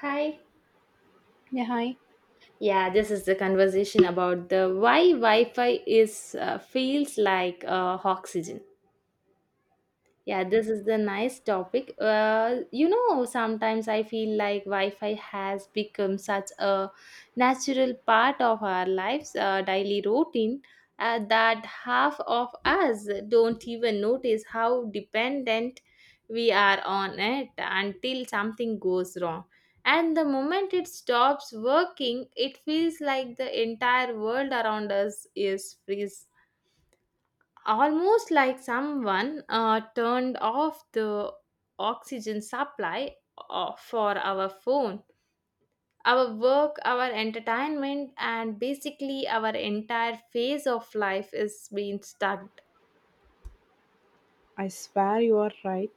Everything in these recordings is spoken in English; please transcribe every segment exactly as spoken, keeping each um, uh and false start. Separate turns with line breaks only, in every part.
Hi.
Yeah, hi.
Yeah, this is the conversation about the why Wi-Fi is uh, feels like uh, oxygen. Yeah, this is the nice topic. Uh, you know, sometimes I feel like Wi-Fi has become such a natural part of our lives, uh, daily routine, uh, that half of us don't even notice how dependent we are on it until something goes wrong. And the moment it stops working, it feels like the entire world around us is freeze, almost like someone uh, turned off the oxygen supply uh, for our phone, our work, our entertainment, and basically our entire phase of life is being stuck.
I swear you are right.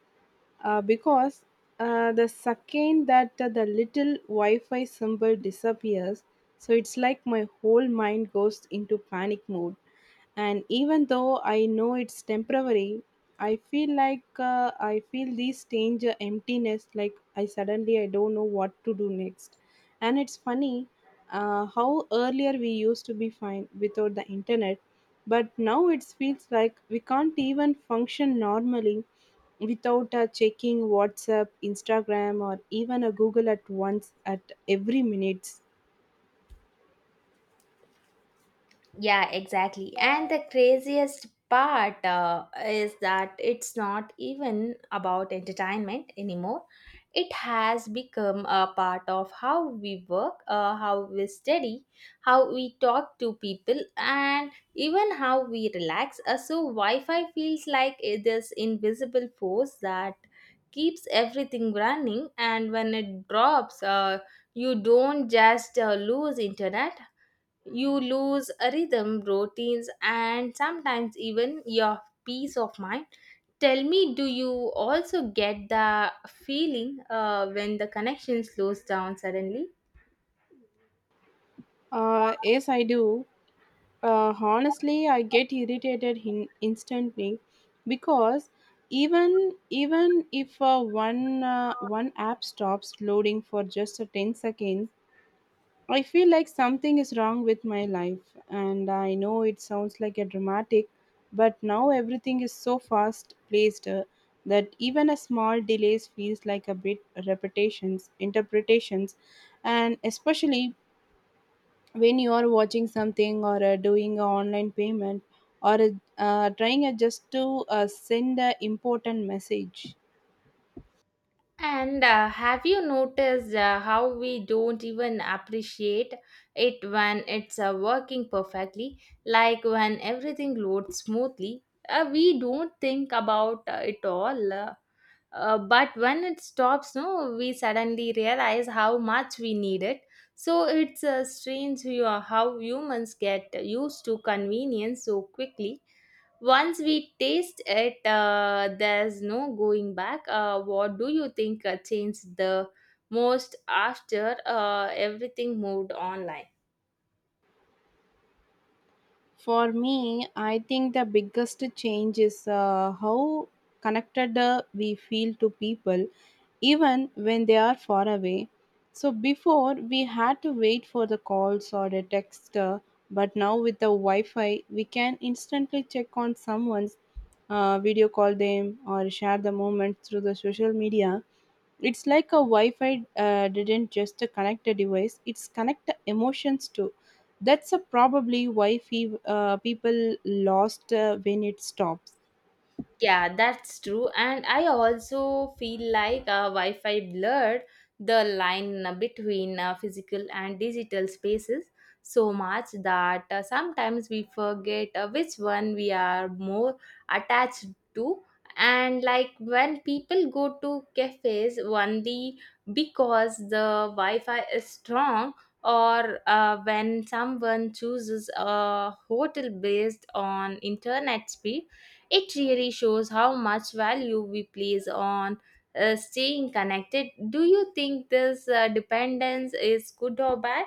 Uh, because uh, the second that uh, the little Wi Fi symbol disappears, so it's like my whole mind goes into panic mode. And even though I know it's temporary, I feel like uh, I feel this strange uh, emptiness, like I suddenly I don't know what to do next. And it's funny uh, how earlier we used to be fine without the internet. But now it feels like we can't even function normally without uh, checking WhatsApp, Instagram, or even a Google at once at every minutes.
Yeah, exactly. And the craziest part uh, is that it's not even about entertainment anymore. It has become a part of how we work, uh, how we study, how we talk to people, and even how we relax. Uh, so, Wi Fi feels like it- this invisible force that keeps everything running, and when it drops, uh, you don't just uh, lose internet, you lose a rhythm, routines, and sometimes even your peace of mind. Tell me, do you also get the feeling uh, when the connection slows down suddenly?
Uh, yes, I do. Uh, honestly, I get irritated in instantly because even even if uh, one uh, one app stops loading for just a ten seconds. I feel like something is wrong with my life, and I know it sounds like a dramatic, but now everything is so fast placed uh, that even a small delays feels like a bit repetitions, interpretations, and especially when you are watching something or uh, doing an online payment or uh, trying uh, just to uh, send an important message.
And uh, have you noticed uh, how we don't even appreciate it when it's uh, working perfectly? Like when everything loads smoothly, uh, we don't think about uh, it all. Uh, uh, but when it stops, no, we suddenly realize how much we need it. So it's uh, strange you- uh, how humans get used to convenience so quickly. Once we taste it, uh, there's no going back. Uh, what do you think uh, changed the most after uh, everything moved online?
For me, I think the biggest change is uh, how connected uh, we feel to people, even when they are far away. So, before we had to wait for the calls or the text, uh, but now with the Wi Fi, we can instantly check on someone's, uh, video call them, or share the moment through the social media. It's like a Wi-Fi uh, didn't just connect a device; it's connect the emotions too. That's a probably why fe- uh, people lost uh, when it stops.
Yeah, that's true. And I also feel like uh, Wi Fi blurred the line uh, between uh, physical and digital spaces so much that uh, sometimes we forget uh, which one we are more attached to. And like when people go to cafes only because the Wi Fi is strong, or uh, when someone chooses a hotel based on internet speed, it really shows how much value we place on uh, staying connected. Do you think this uh, dependence is good or bad?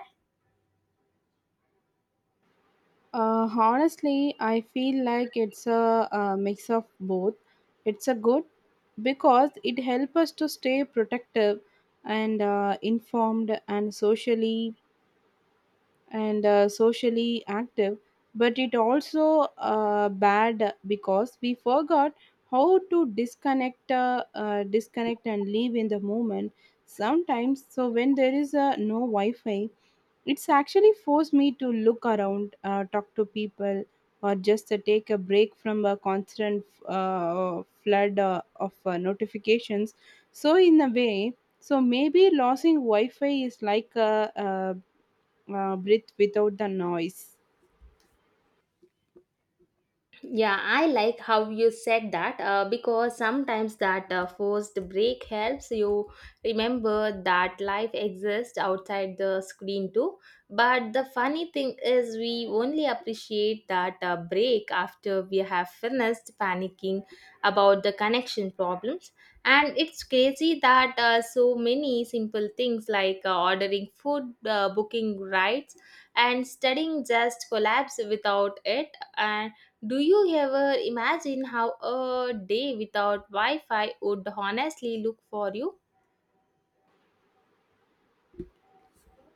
Uh, honestly, I feel like it's a, a mix of both. It's a good because it helps us to stay protective and uh, informed and socially and uh, socially active, but it also uh, bad because we forgot how to disconnect, uh, uh, disconnect and live in the moment sometimes. So when there is uh, no Wi-Fi, it's actually forced me to look around, uh, talk to people, or just uh, take a break from a constant uh, flood uh, of uh, notifications. So, in a way, so maybe losing Wi Fi is like a, a, a breath without the noise.
Yeah, I like how you said that uh, because sometimes that uh, forced break helps you remember that life exists outside the screen too. But the funny thing is, we only appreciate that uh, break after we have finished panicking about the connection problems. And it's crazy that uh, so many simple things like uh, ordering food, uh, booking rides, and studying just collapse without it. And do you ever imagine how a day without Wi Fi would honestly look for you?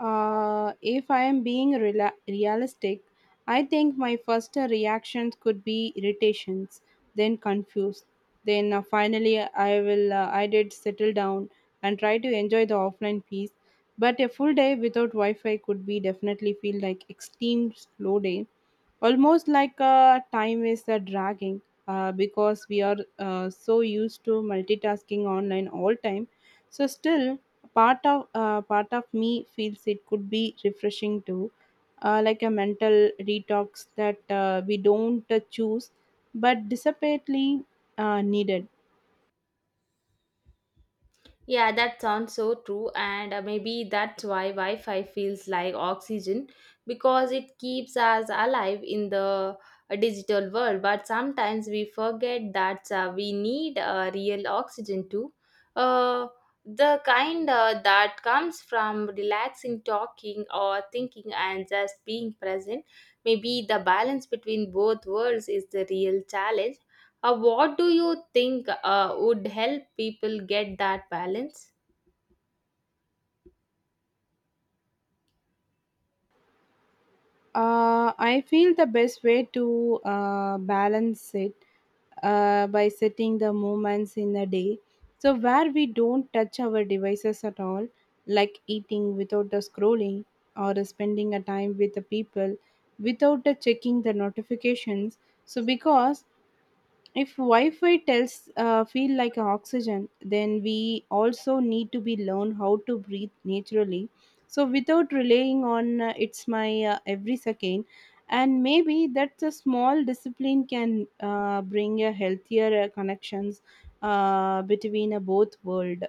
Uh, if I am being rela realistic, I think my first reactions could be irritations, then confused. Then uh, finally, I will uh, I did settle down and try to enjoy the offline piece. But a full day without Wi-Fi could be definitely feel like extreme slow day, almost like uh, time is uh, dragging, uh, because we are uh, so used to multitasking online all time. So still, part of uh, part of me feels it could be refreshing too, uh, like a mental detox that uh, we don't uh, choose but desperately uh, needed.
Yeah, that sounds so true, and uh, maybe that's why Wi Fi feels like oxygen because it keeps us alive in the uh, digital world. But sometimes we forget that uh, we need uh, real oxygen too. Uh, the kind uh, that comes from relaxing, talking, or thinking, and just being present. Maybe the balance between both worlds is the real challenge. Uh, what do you think uh, would help people get that balance?
Uh, I feel the best way to uh, balance it uh, by setting the moments in a day. So, where we don't touch our devices at all, like eating without the scrolling or spending a time with the people without the checking the notifications. So, because if wi-fi tells uh, feel like oxygen, then we also need to be learn how to breathe naturally, so without relying on uh, it's my uh, every second, and maybe that's a small discipline can uh, bring a healthier uh, connections uh, between a both world.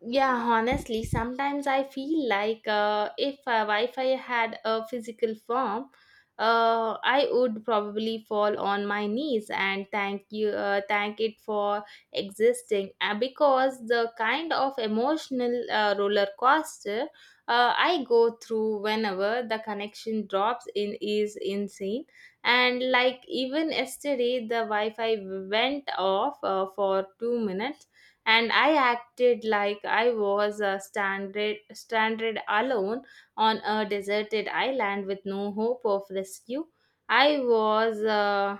Yeah, honestly, sometimes I feel like uh, if uh, Wi-Fi had a physical form, uh, I would probably fall on my knees and thank you, uh, thank it for existing. Uh, because the kind of emotional uh, roller coaster uh, I go through whenever the connection drops in is insane. And like even yesterday, the Wi-Fi went off uh, for two minutes and I acted like I was uh, stranded, stranded alone on a deserted island with no hope of rescue. I was uh,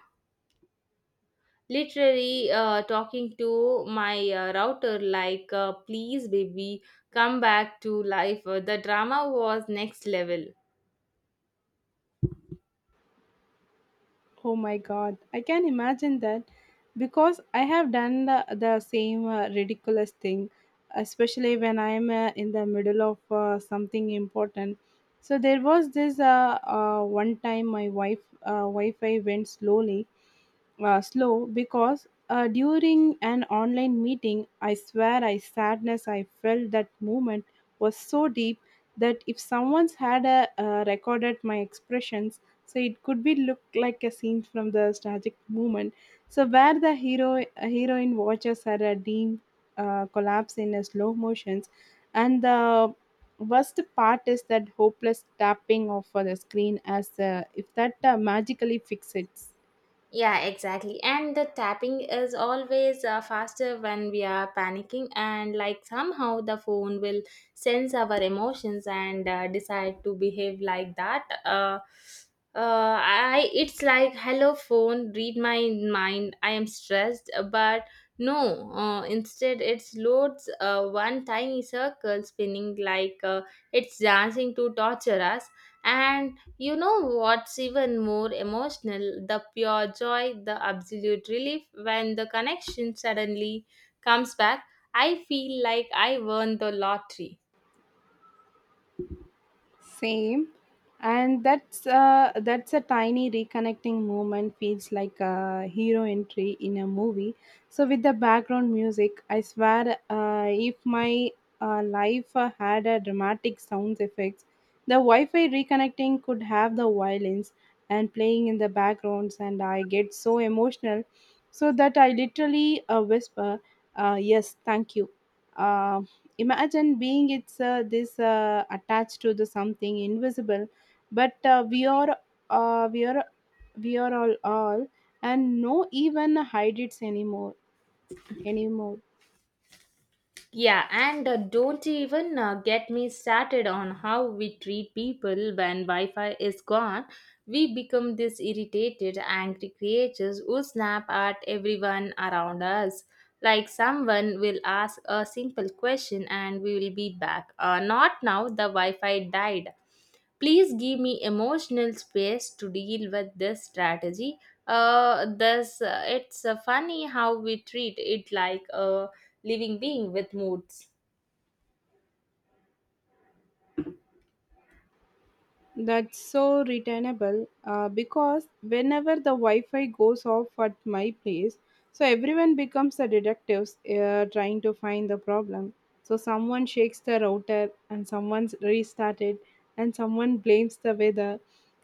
literally uh, talking to my uh, router like, uh, please, baby, come back to life. Uh, The drama was next level.
Oh my god, I can imagine that because I have done the, the same uh, ridiculous thing, especially when I'm uh, in the middle of uh, something important. So there was this uh, uh, one time my wife uh, Wi-Fi went slowly, uh, slow because uh, during an online meeting, I swear I sadness I felt that moment was so deep that if someone's had uh, uh, recorded my expressions, so it could be looked like a scene from the tragic moment. So where the hero heroine watches her uh, dream uh, collapse in a slow motions, and the worst part is that hopeless tapping of uh, the screen as uh, if that uh, magically fixes it.
Yeah, exactly. And the tapping is always uh, faster when we are panicking, and like somehow the phone will sense our emotions and uh, decide to behave like that. Uh, uh, I it's like hello phone, read my mind. I am stressed, but no. Uh, instead, it loads uh, one tiny circle spinning like uh, it's dancing to torture us. And you know what's even more emotional? The pure joy, the absolute relief when the connection suddenly comes back. I feel like I won the lottery.
Same, and that's uh, that's a tiny reconnecting moment. Feels like a hero entry in a movie. So with the background music, I swear, uh, if my uh, life uh, had a dramatic sound effects, the Wi-Fi reconnecting could have the violins and playing in the backgrounds, and I get so emotional, so that I literally uh, whisper, uh, "Yes, thank you." Uh, Imagine being it's uh, this uh, attached to the something invisible, but uh, we are uh, we are we are all all and no even hide it anymore anymore
Yeah, and uh, don't even uh, get me started on how we treat people when Wi Fi is gone. We become these irritated, angry creatures who snap at everyone around us. Like someone will ask a simple question and we will be back. Uh, not now, the Wi Fi died. Please give me emotional space to deal with this strategy. Uh, this uh, it's uh, funny how we treat it like a living being with moods.
That's so retainable uh, because whenever the Wi Fi goes off at my place, so everyone becomes a detective, uh, trying to find the problem. So someone shakes the router and someone's restarted, and someone blames the weather,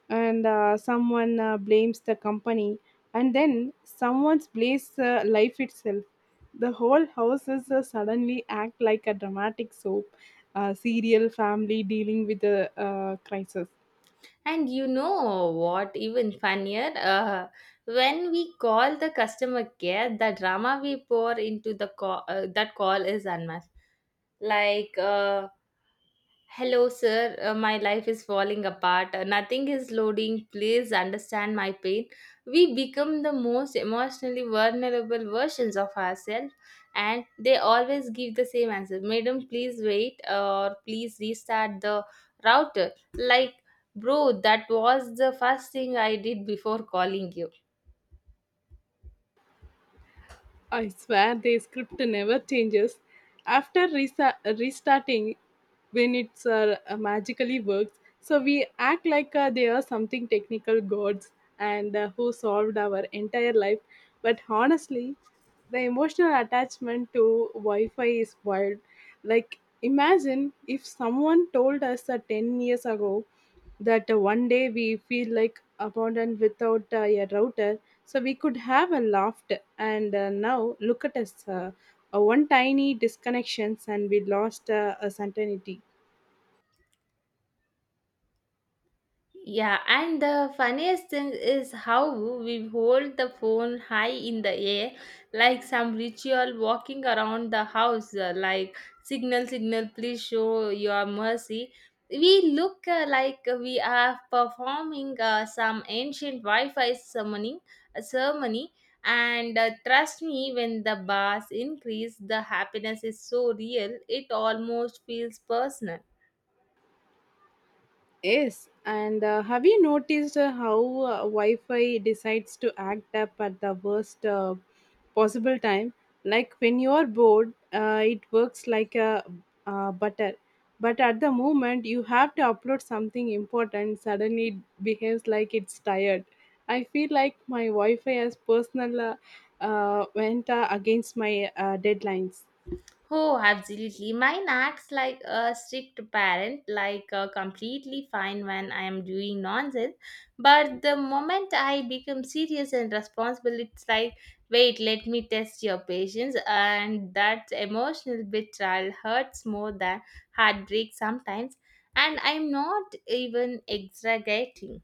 and uh, someone uh, blames the company, and then someone's blames uh, life itself. The whole house is uh, suddenly act like a dramatic soap uh, serial family dealing with a uh, crisis.
And you know what, even funnier, uh, when we call the customer care, the drama we pour into the call, uh, that call is unmatched. Like, uh, hello, sir. Uh, my life is falling apart. Uh, nothing is loading. Please understand my pain. We become the most emotionally vulnerable versions of ourselves, and they always give the same answer. Madam, please wait, or please restart the router. Like, bro, that was the first thing I did before calling you.
I swear the script never changes. After resa- restarting, when it's uh, magically works, so we act like uh, they are something technical gods and uh, who solved our entire life. But honestly, the emotional attachment to Wi-Fi is wild. Like imagine if someone told us uh, ten years ago that uh, one day we feel like abandoned without uh, a router, so we could have a laugh, and uh, now look at us, uh, uh, one tiny disconnections and we lost uh, a certainty.
Yeah, and the funniest thing is how we hold the phone high in the air, like some ritual walking around the house, uh, like signal, signal, please show your mercy. We look uh, like we are performing uh, some ancient Wi Fi summoning a ceremony. And uh, trust me, when the bars increase, the happiness is so real, it almost feels personal.
Yes, and uh, have you noticed uh, how uh, Wi-Fi decides to act up at the worst uh, possible time? Like when you are bored, uh, it works like a uh, butter, but at the moment you have to upload something important, suddenly it behaves like it's tired. I feel like my Wi-Fi as personal uh, uh, went uh, against my uh, deadlines.
Oh, absolutely. Mine acts like a strict parent, like uh, completely fine when I am doing nonsense. But the moment I become serious and responsible, it's like, wait, let me test your patience. And that emotional betrayal hurts more than heartbreak sometimes. And I'm not even exaggerating.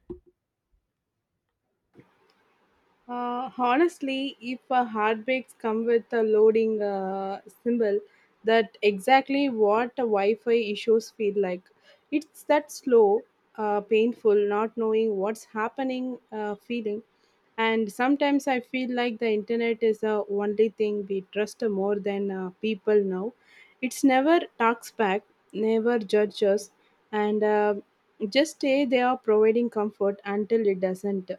Uh, honestly, if a heartbreaks come with a loading uh, symbol, that exactly what a Wi-Fi issues feel like. It's that slow, uh, painful, not knowing what's happening, uh, feeling. And sometimes I feel like the internet is the only thing we trust more than uh, people now. It's never talks back, never judges, and uh, just say they are providing comfort until it doesn't.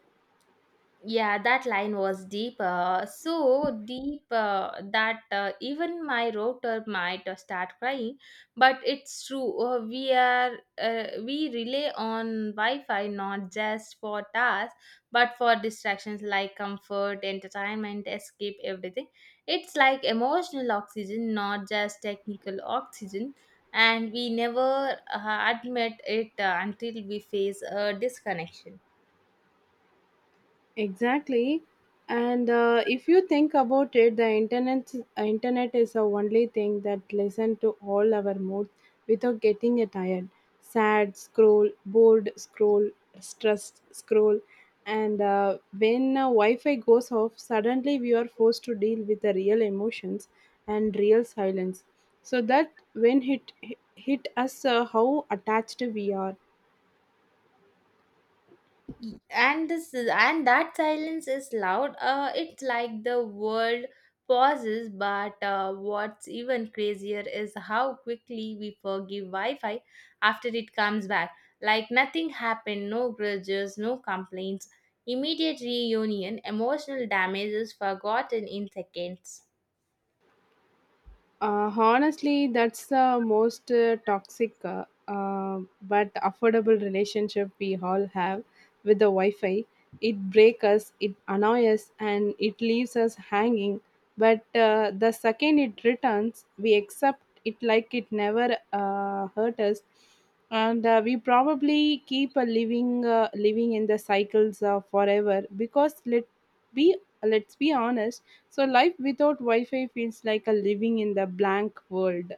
Yeah, that line was deep, uh, so deep uh, that uh, even my router might uh, start crying. But it's true. Uh, we are uh, we rely on Wi-Fi not just for tasks, but for distractions like comfort, entertainment, escape, everything. It's like emotional oxygen, not just technical oxygen. And we never uh, admit it uh, until we face a disconnection.
Exactly. And uh, if you think about it, the internet uh, internet is the only thing that listen to all our moods without getting it tired. Sad scroll, bored scroll, stressed scroll, and uh, when uh, Wi-Fi goes off, suddenly we are forced to deal with the real emotions and real silence. So that when hit hit us, uh, how attached we are.
Y- and this is, and that silence is loud, uh, it's like the world pauses. But uh, what's even crazier is how quickly we forgive wi-fi after it comes back, like nothing happened, no grudges, no complaints, immediate reunion, emotional damage is forgotten in seconds.
Uh, honestly, that's the most uh, toxic uh, uh, but affordable relationship we all have with the Wi Fi. It breaks us, it annoys us, and it leaves us hanging. But uh, the second it returns, we accept it like it never uh, hurt us. And uh, we probably keep a living uh, living in the cycles uh, forever, because let be let's be honest, so life without Wi-Fi feels like a living in the blank world.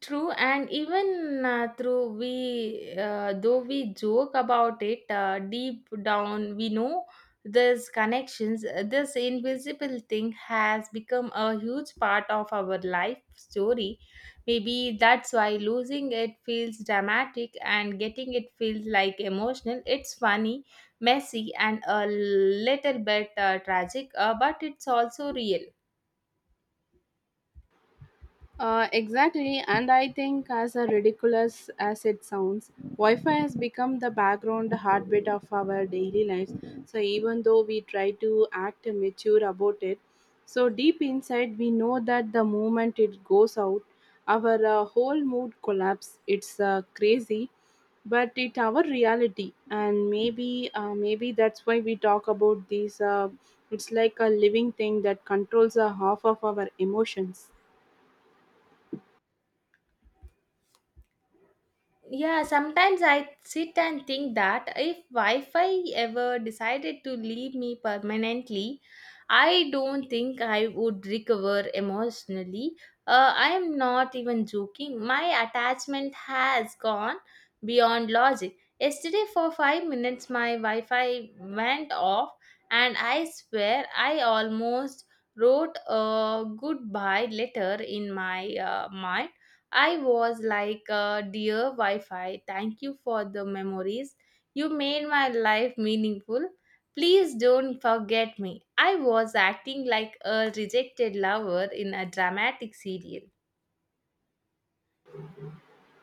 True, and even uh, through we, uh, though we joke about it, uh, deep down we know these connections, uh, this invisible thing has become a huge part of our life story. Maybe that's why losing it feels dramatic and getting it feels like emotional. It's funny, messy, and a little bit uh, tragic, uh, but it's also real.
Uh, exactly, and I think, as a ridiculous as it sounds, Wi Fi has become the background heartbeat of our daily lives. So, even though we try to act mature about it, so deep inside we know that the moment it goes out, our uh, whole mood collapse. It's uh, crazy, but it our reality, and maybe uh, maybe that's why we talk about these. Uh, it's like a living thing that controls a half of our emotions.
Yeah, sometimes I sit and think that if Wi Fi ever decided to leave me permanently, I don't think I would recover emotionally. Uh, I am not even joking. My attachment has gone beyond logic. Yesterday, for five minutes, my Wi Fi went off, and I swear I almost wrote a goodbye letter in my uh, mind. I was like, uh, dear Wi Fi, thank you for the memories. You made my life meaningful. Please don't forget me. I was acting like a rejected lover in a dramatic serial.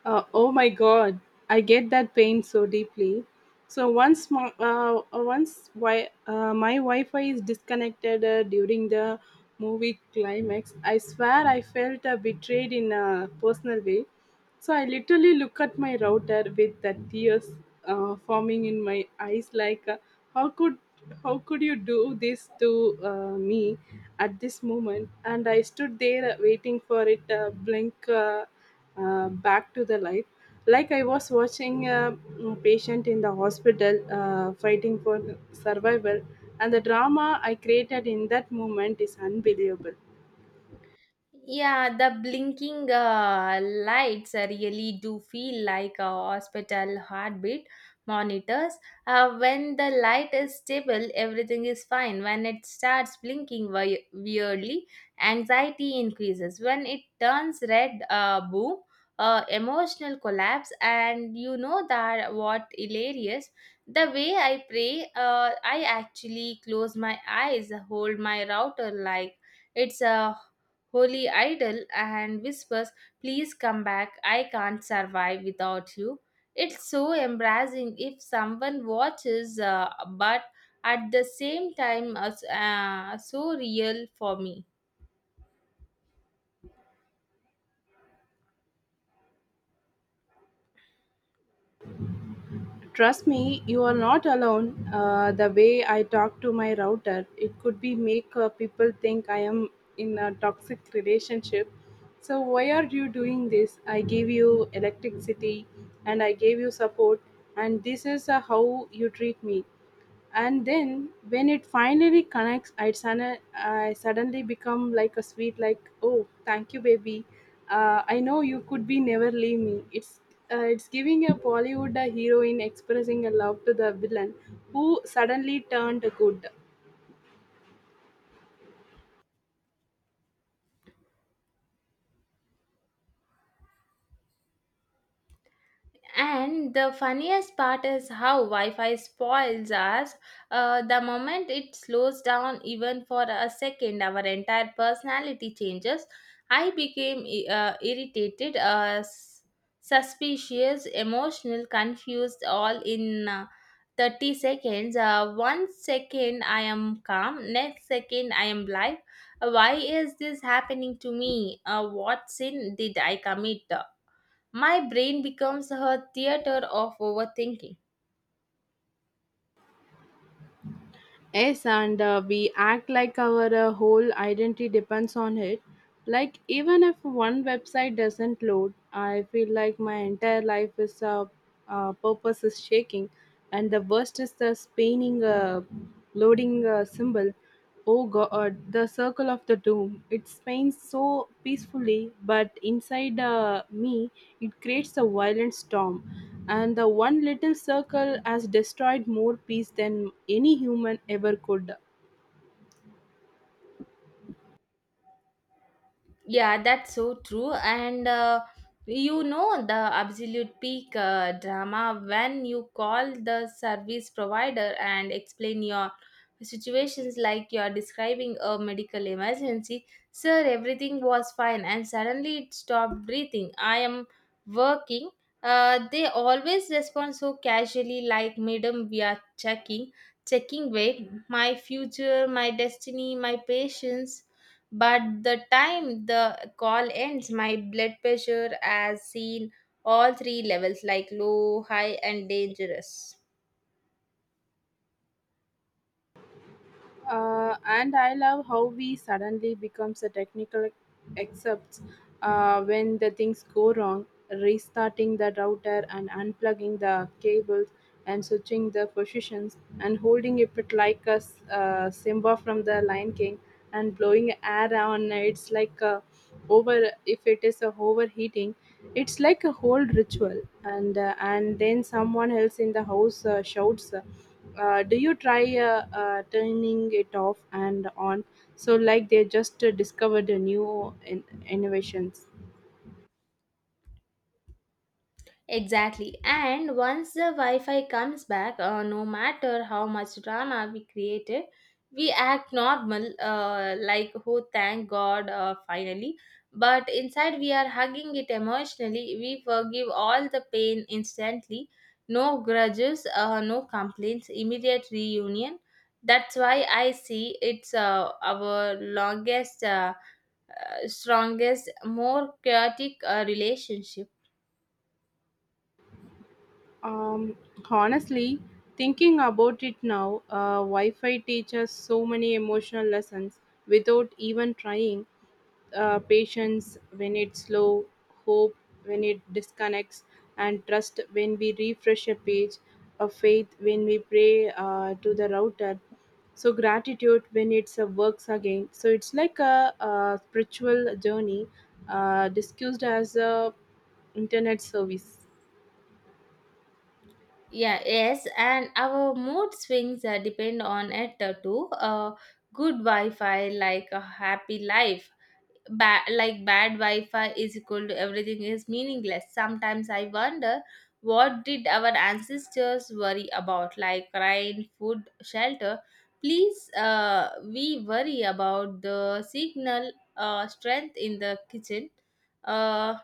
Uh, oh my God, I get that pain so deeply. So once my uh, uh, once why, uh, my Wi-Fi is disconnected uh, during the movie climax, I swear I felt uh, betrayed in a personal way. So I literally look at my router with the tears uh, forming in my eyes, like uh, how could how could you do this to uh, me at this moment? And I stood there uh, waiting for it uh, blink. Uh, uh, back to the life. Like I was watching a mm, patient in the hospital uh, fighting for survival, and the drama I created in that moment is unbelievable.
Yeah, the blinking uh, lights uh, really do feel like a hospital heartbeat monitors. Uh, when the light is stable, everything is fine. When it starts blinking we- weirdly, anxiety increases. When it turns red, uh, boom, uh, emotional collapse. And you know that what hilarious? The way I pray, uh, I actually close my eyes, hold my router like it's a wholly idle, and whispers, please come back, I can't survive without you. It's so embarrassing if someone watches, uh, but at the same time, uh, s- uh, so real for me.
Trust me, you are not alone. Uh, the way I talk to my router, it could be make uh, people think I am in a toxic relationship. So why are you doing this? I gave you electricity, and I gave you support, and this is uh, how you treat me. And then when it finally connects, i, sudden, I suddenly become like a sweet like, oh, thank you baby, uh, I know you could be never leave me. It's uh, it's giving a bollywood a heroine expressing a love to the villain who suddenly turned good.
And the funniest part is how Wi Fi spoils us. Uh, the moment it slows down, even for a second, our entire personality changes. I became i- uh, irritated, uh, s- suspicious, emotional, confused, all in uh, thirty seconds. Uh, one second I am calm, next second I am live. Uh, Why is this happening to me? Uh, what sin did I commit? My brain becomes her theater of overthinking.
Yes, and uh, we act like our uh, whole identity depends on it. Like, even if one website doesn't load, I feel like my entire life is uh, uh, purpose is shaking. And the worst is the spinning uh, loading uh, symbol. Oh god, the circle of the doom. It spins so peacefully, but inside uh, me, it creates a violent storm, and the one little circle has destroyed more peace than any human ever could.
Yeah, that's so true. And uh, you know the absolute peak uh, drama when you call the service provider and explain your situations like you're describing a medical emergency. Sir, everything was fine, and suddenly it stopped breathing. I am working. Uh, they always respond so casually, like, Madam, we are checking, checking weight, my future, my destiny, my patience. But the time the call ends, my blood pressure has seen all three levels like low, high, and dangerous.
Uh, and I love how we suddenly becomes a technical except uh, when the things go wrong, restarting the router and unplugging the cables and switching the positions and holding it bit like a s- uh, Simba from the Lion King and blowing air on it's like a over if it is a overheating. It's like a whole ritual, and uh, and then someone else in the house uh, shouts, uh, uh, do you try uh, uh, turning it off and on? So like they just uh, discovered a new in- innovations.
Exactly. And once the Wi Fi comes back, uh, no matter how much drama we created, we act normal, uh, like, oh, thank God, uh, finally. But inside, we are hugging it emotionally. We forgive all the pain instantly. No grudges, uh, no complaints, immediate reunion. That's why I see it's uh, our longest, uh, uh, strongest, more chaotic uh, relationship.
um, Honestly, thinking about it now, uh, wi-fi teaches so many emotional lessons without even trying. Uh, patience when it's slow, hope when it disconnects, and trust when we refresh a page. A faith when we pray uh, to the router, so gratitude when it's uh, works again. So it's like a, a spiritual journey uh, discussed as a internet service.
Yeah, yes, and our mood swings uh, depend on it uh, too. Uh, good Wi-Fi like a happy life. Ba- like bad Wi-Fi is equal to everything is meaningless. Sometimes I wonder what did our ancestors worry about, like rain, food, shelter. Please, uh, we worry about the signal uh, strength in the kitchen. Uh,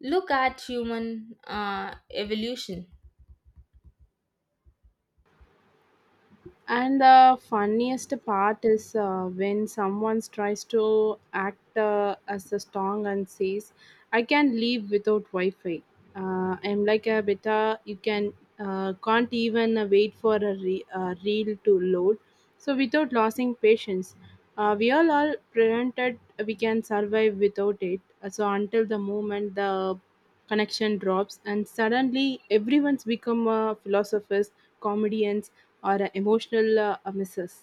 look at human uh, evolution.
And the funniest part is uh, when someone tries to act uh, as a strong and says, I can live without Wi Fi. Uh, I'm like a beta, you can, uh, can't even uh, wait for a, re- a reel to load. So, without losing patience, uh, we all all prevented we can survive without it. So, until the moment the connection drops, and suddenly everyone's become a philosophers, comedians, or a emotional uh, missus.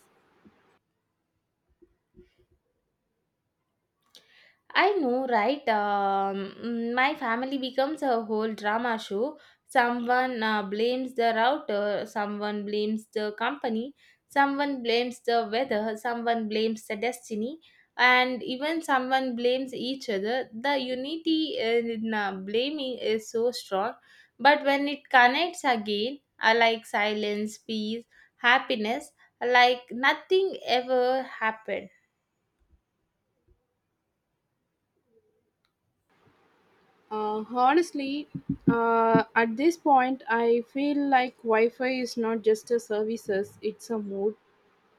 I know, right? Um, mm, my family becomes a whole drama show. Someone uh, blames the router, someone blames the company, someone blames the weather, someone blames the destiny, and even someone blames each other. The unity in uh, blaming is so strong, but when it connects again, I like silence, peace, happiness, like nothing ever happened.
Uh, honestly, uh, at this point, I feel like Wi Fi is not just a services, it's a mood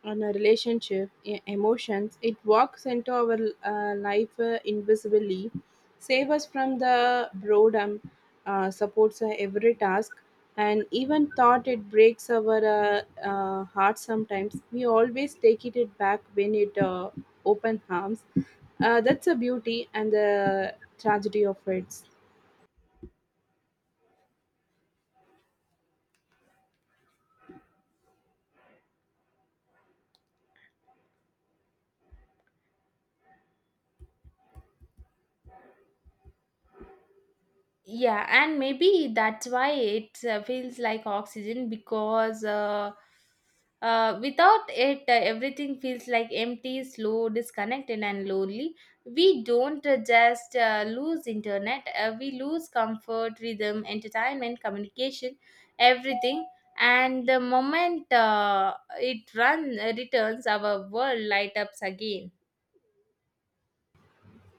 and a relationship, e- emotions. It walks into our uh, life uh, invisibly, save us from the boredom, uh, supports uh, every task, and even thought it breaks our uh, uh, heart sometimes. We always take it back when it uh, open harms. Uh, that's a beauty and the tragedy of it.
Yeah, and maybe that's why it uh, feels like oxygen because uh, uh, without it, uh, everything feels like empty, slow, disconnected, and lonely. We don't uh, just uh, lose internet, uh, we lose comfort, rhythm, entertainment, communication, everything. And the moment uh, it run uh, returns, our world light ups again.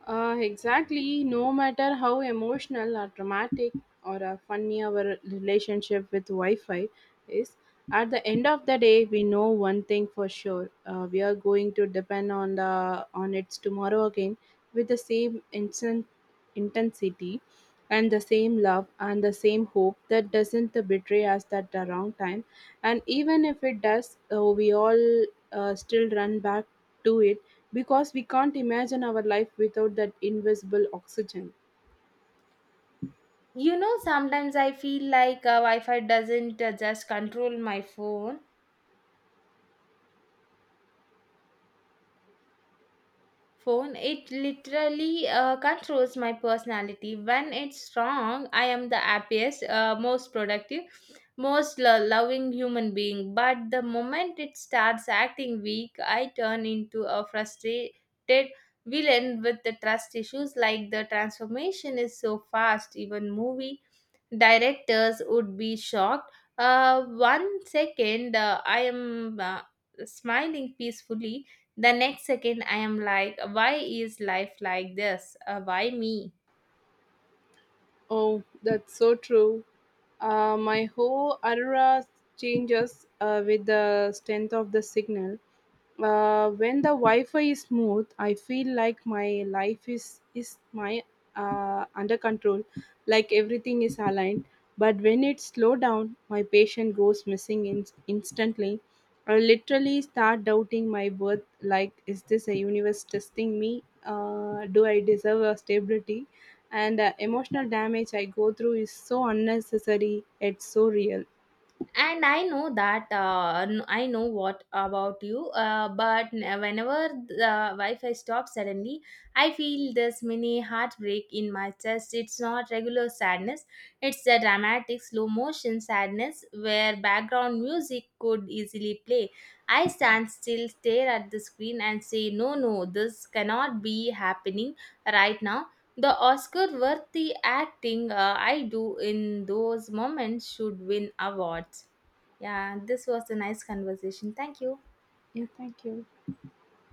Uh, exactly. No matter how emotional or dramatic or uh, funny our relationship with Wi Fi is, at the end of the day, we know one thing for sure. Uh, we are going to depend on the on its tomorrow again with the same instant intensity and the same love and the same hope that doesn't betray us at the wrong time. And even if it does, uh, we all uh, still run back to it because we can't imagine our life without that invisible oxygen.
You know, sometimes I feel like uh, Wi Fi doesn't uh, just control my phone phone, it literally uh, controls my personality. When it's strong, I am the happiest, uh, most productive, most lo- loving human being, but the moment it starts acting weak, I turn into a frustrated villain with the trust issues. Like, the transformation is so fast even movie directors would be shocked. Uh, one second, uh, I am uh, smiling peacefully. The next second, I am like, why is life like this? Uh, why me?
Oh, that's so true. Uh, my whole aura changes uh, with the strength of the signal. Uh, when the Wi-Fi is smooth, I feel like my life is is my uh, under control, like everything is aligned. But when it's slow down, my patient goes missing in- instantly. I literally start doubting my worth. Like, is this a universe testing me? Uh, do I deserve a stability? And the emotional damage I go through is so unnecessary. It's so real.
And I know that uh, n- I know what about you, uh, but n- whenever the wi-fi stops suddenly, I feel this mini heartbreak in my chest. It's not regular sadness, it's a dramatic slow motion sadness where background music could easily play. I stand still, stare at the screen and say no, no, this cannot be happening right now. The oscar worthy acting uh, I do in those moments should win awards. Yeah, this was a nice conversation. Thank you.
Yeah, thank you.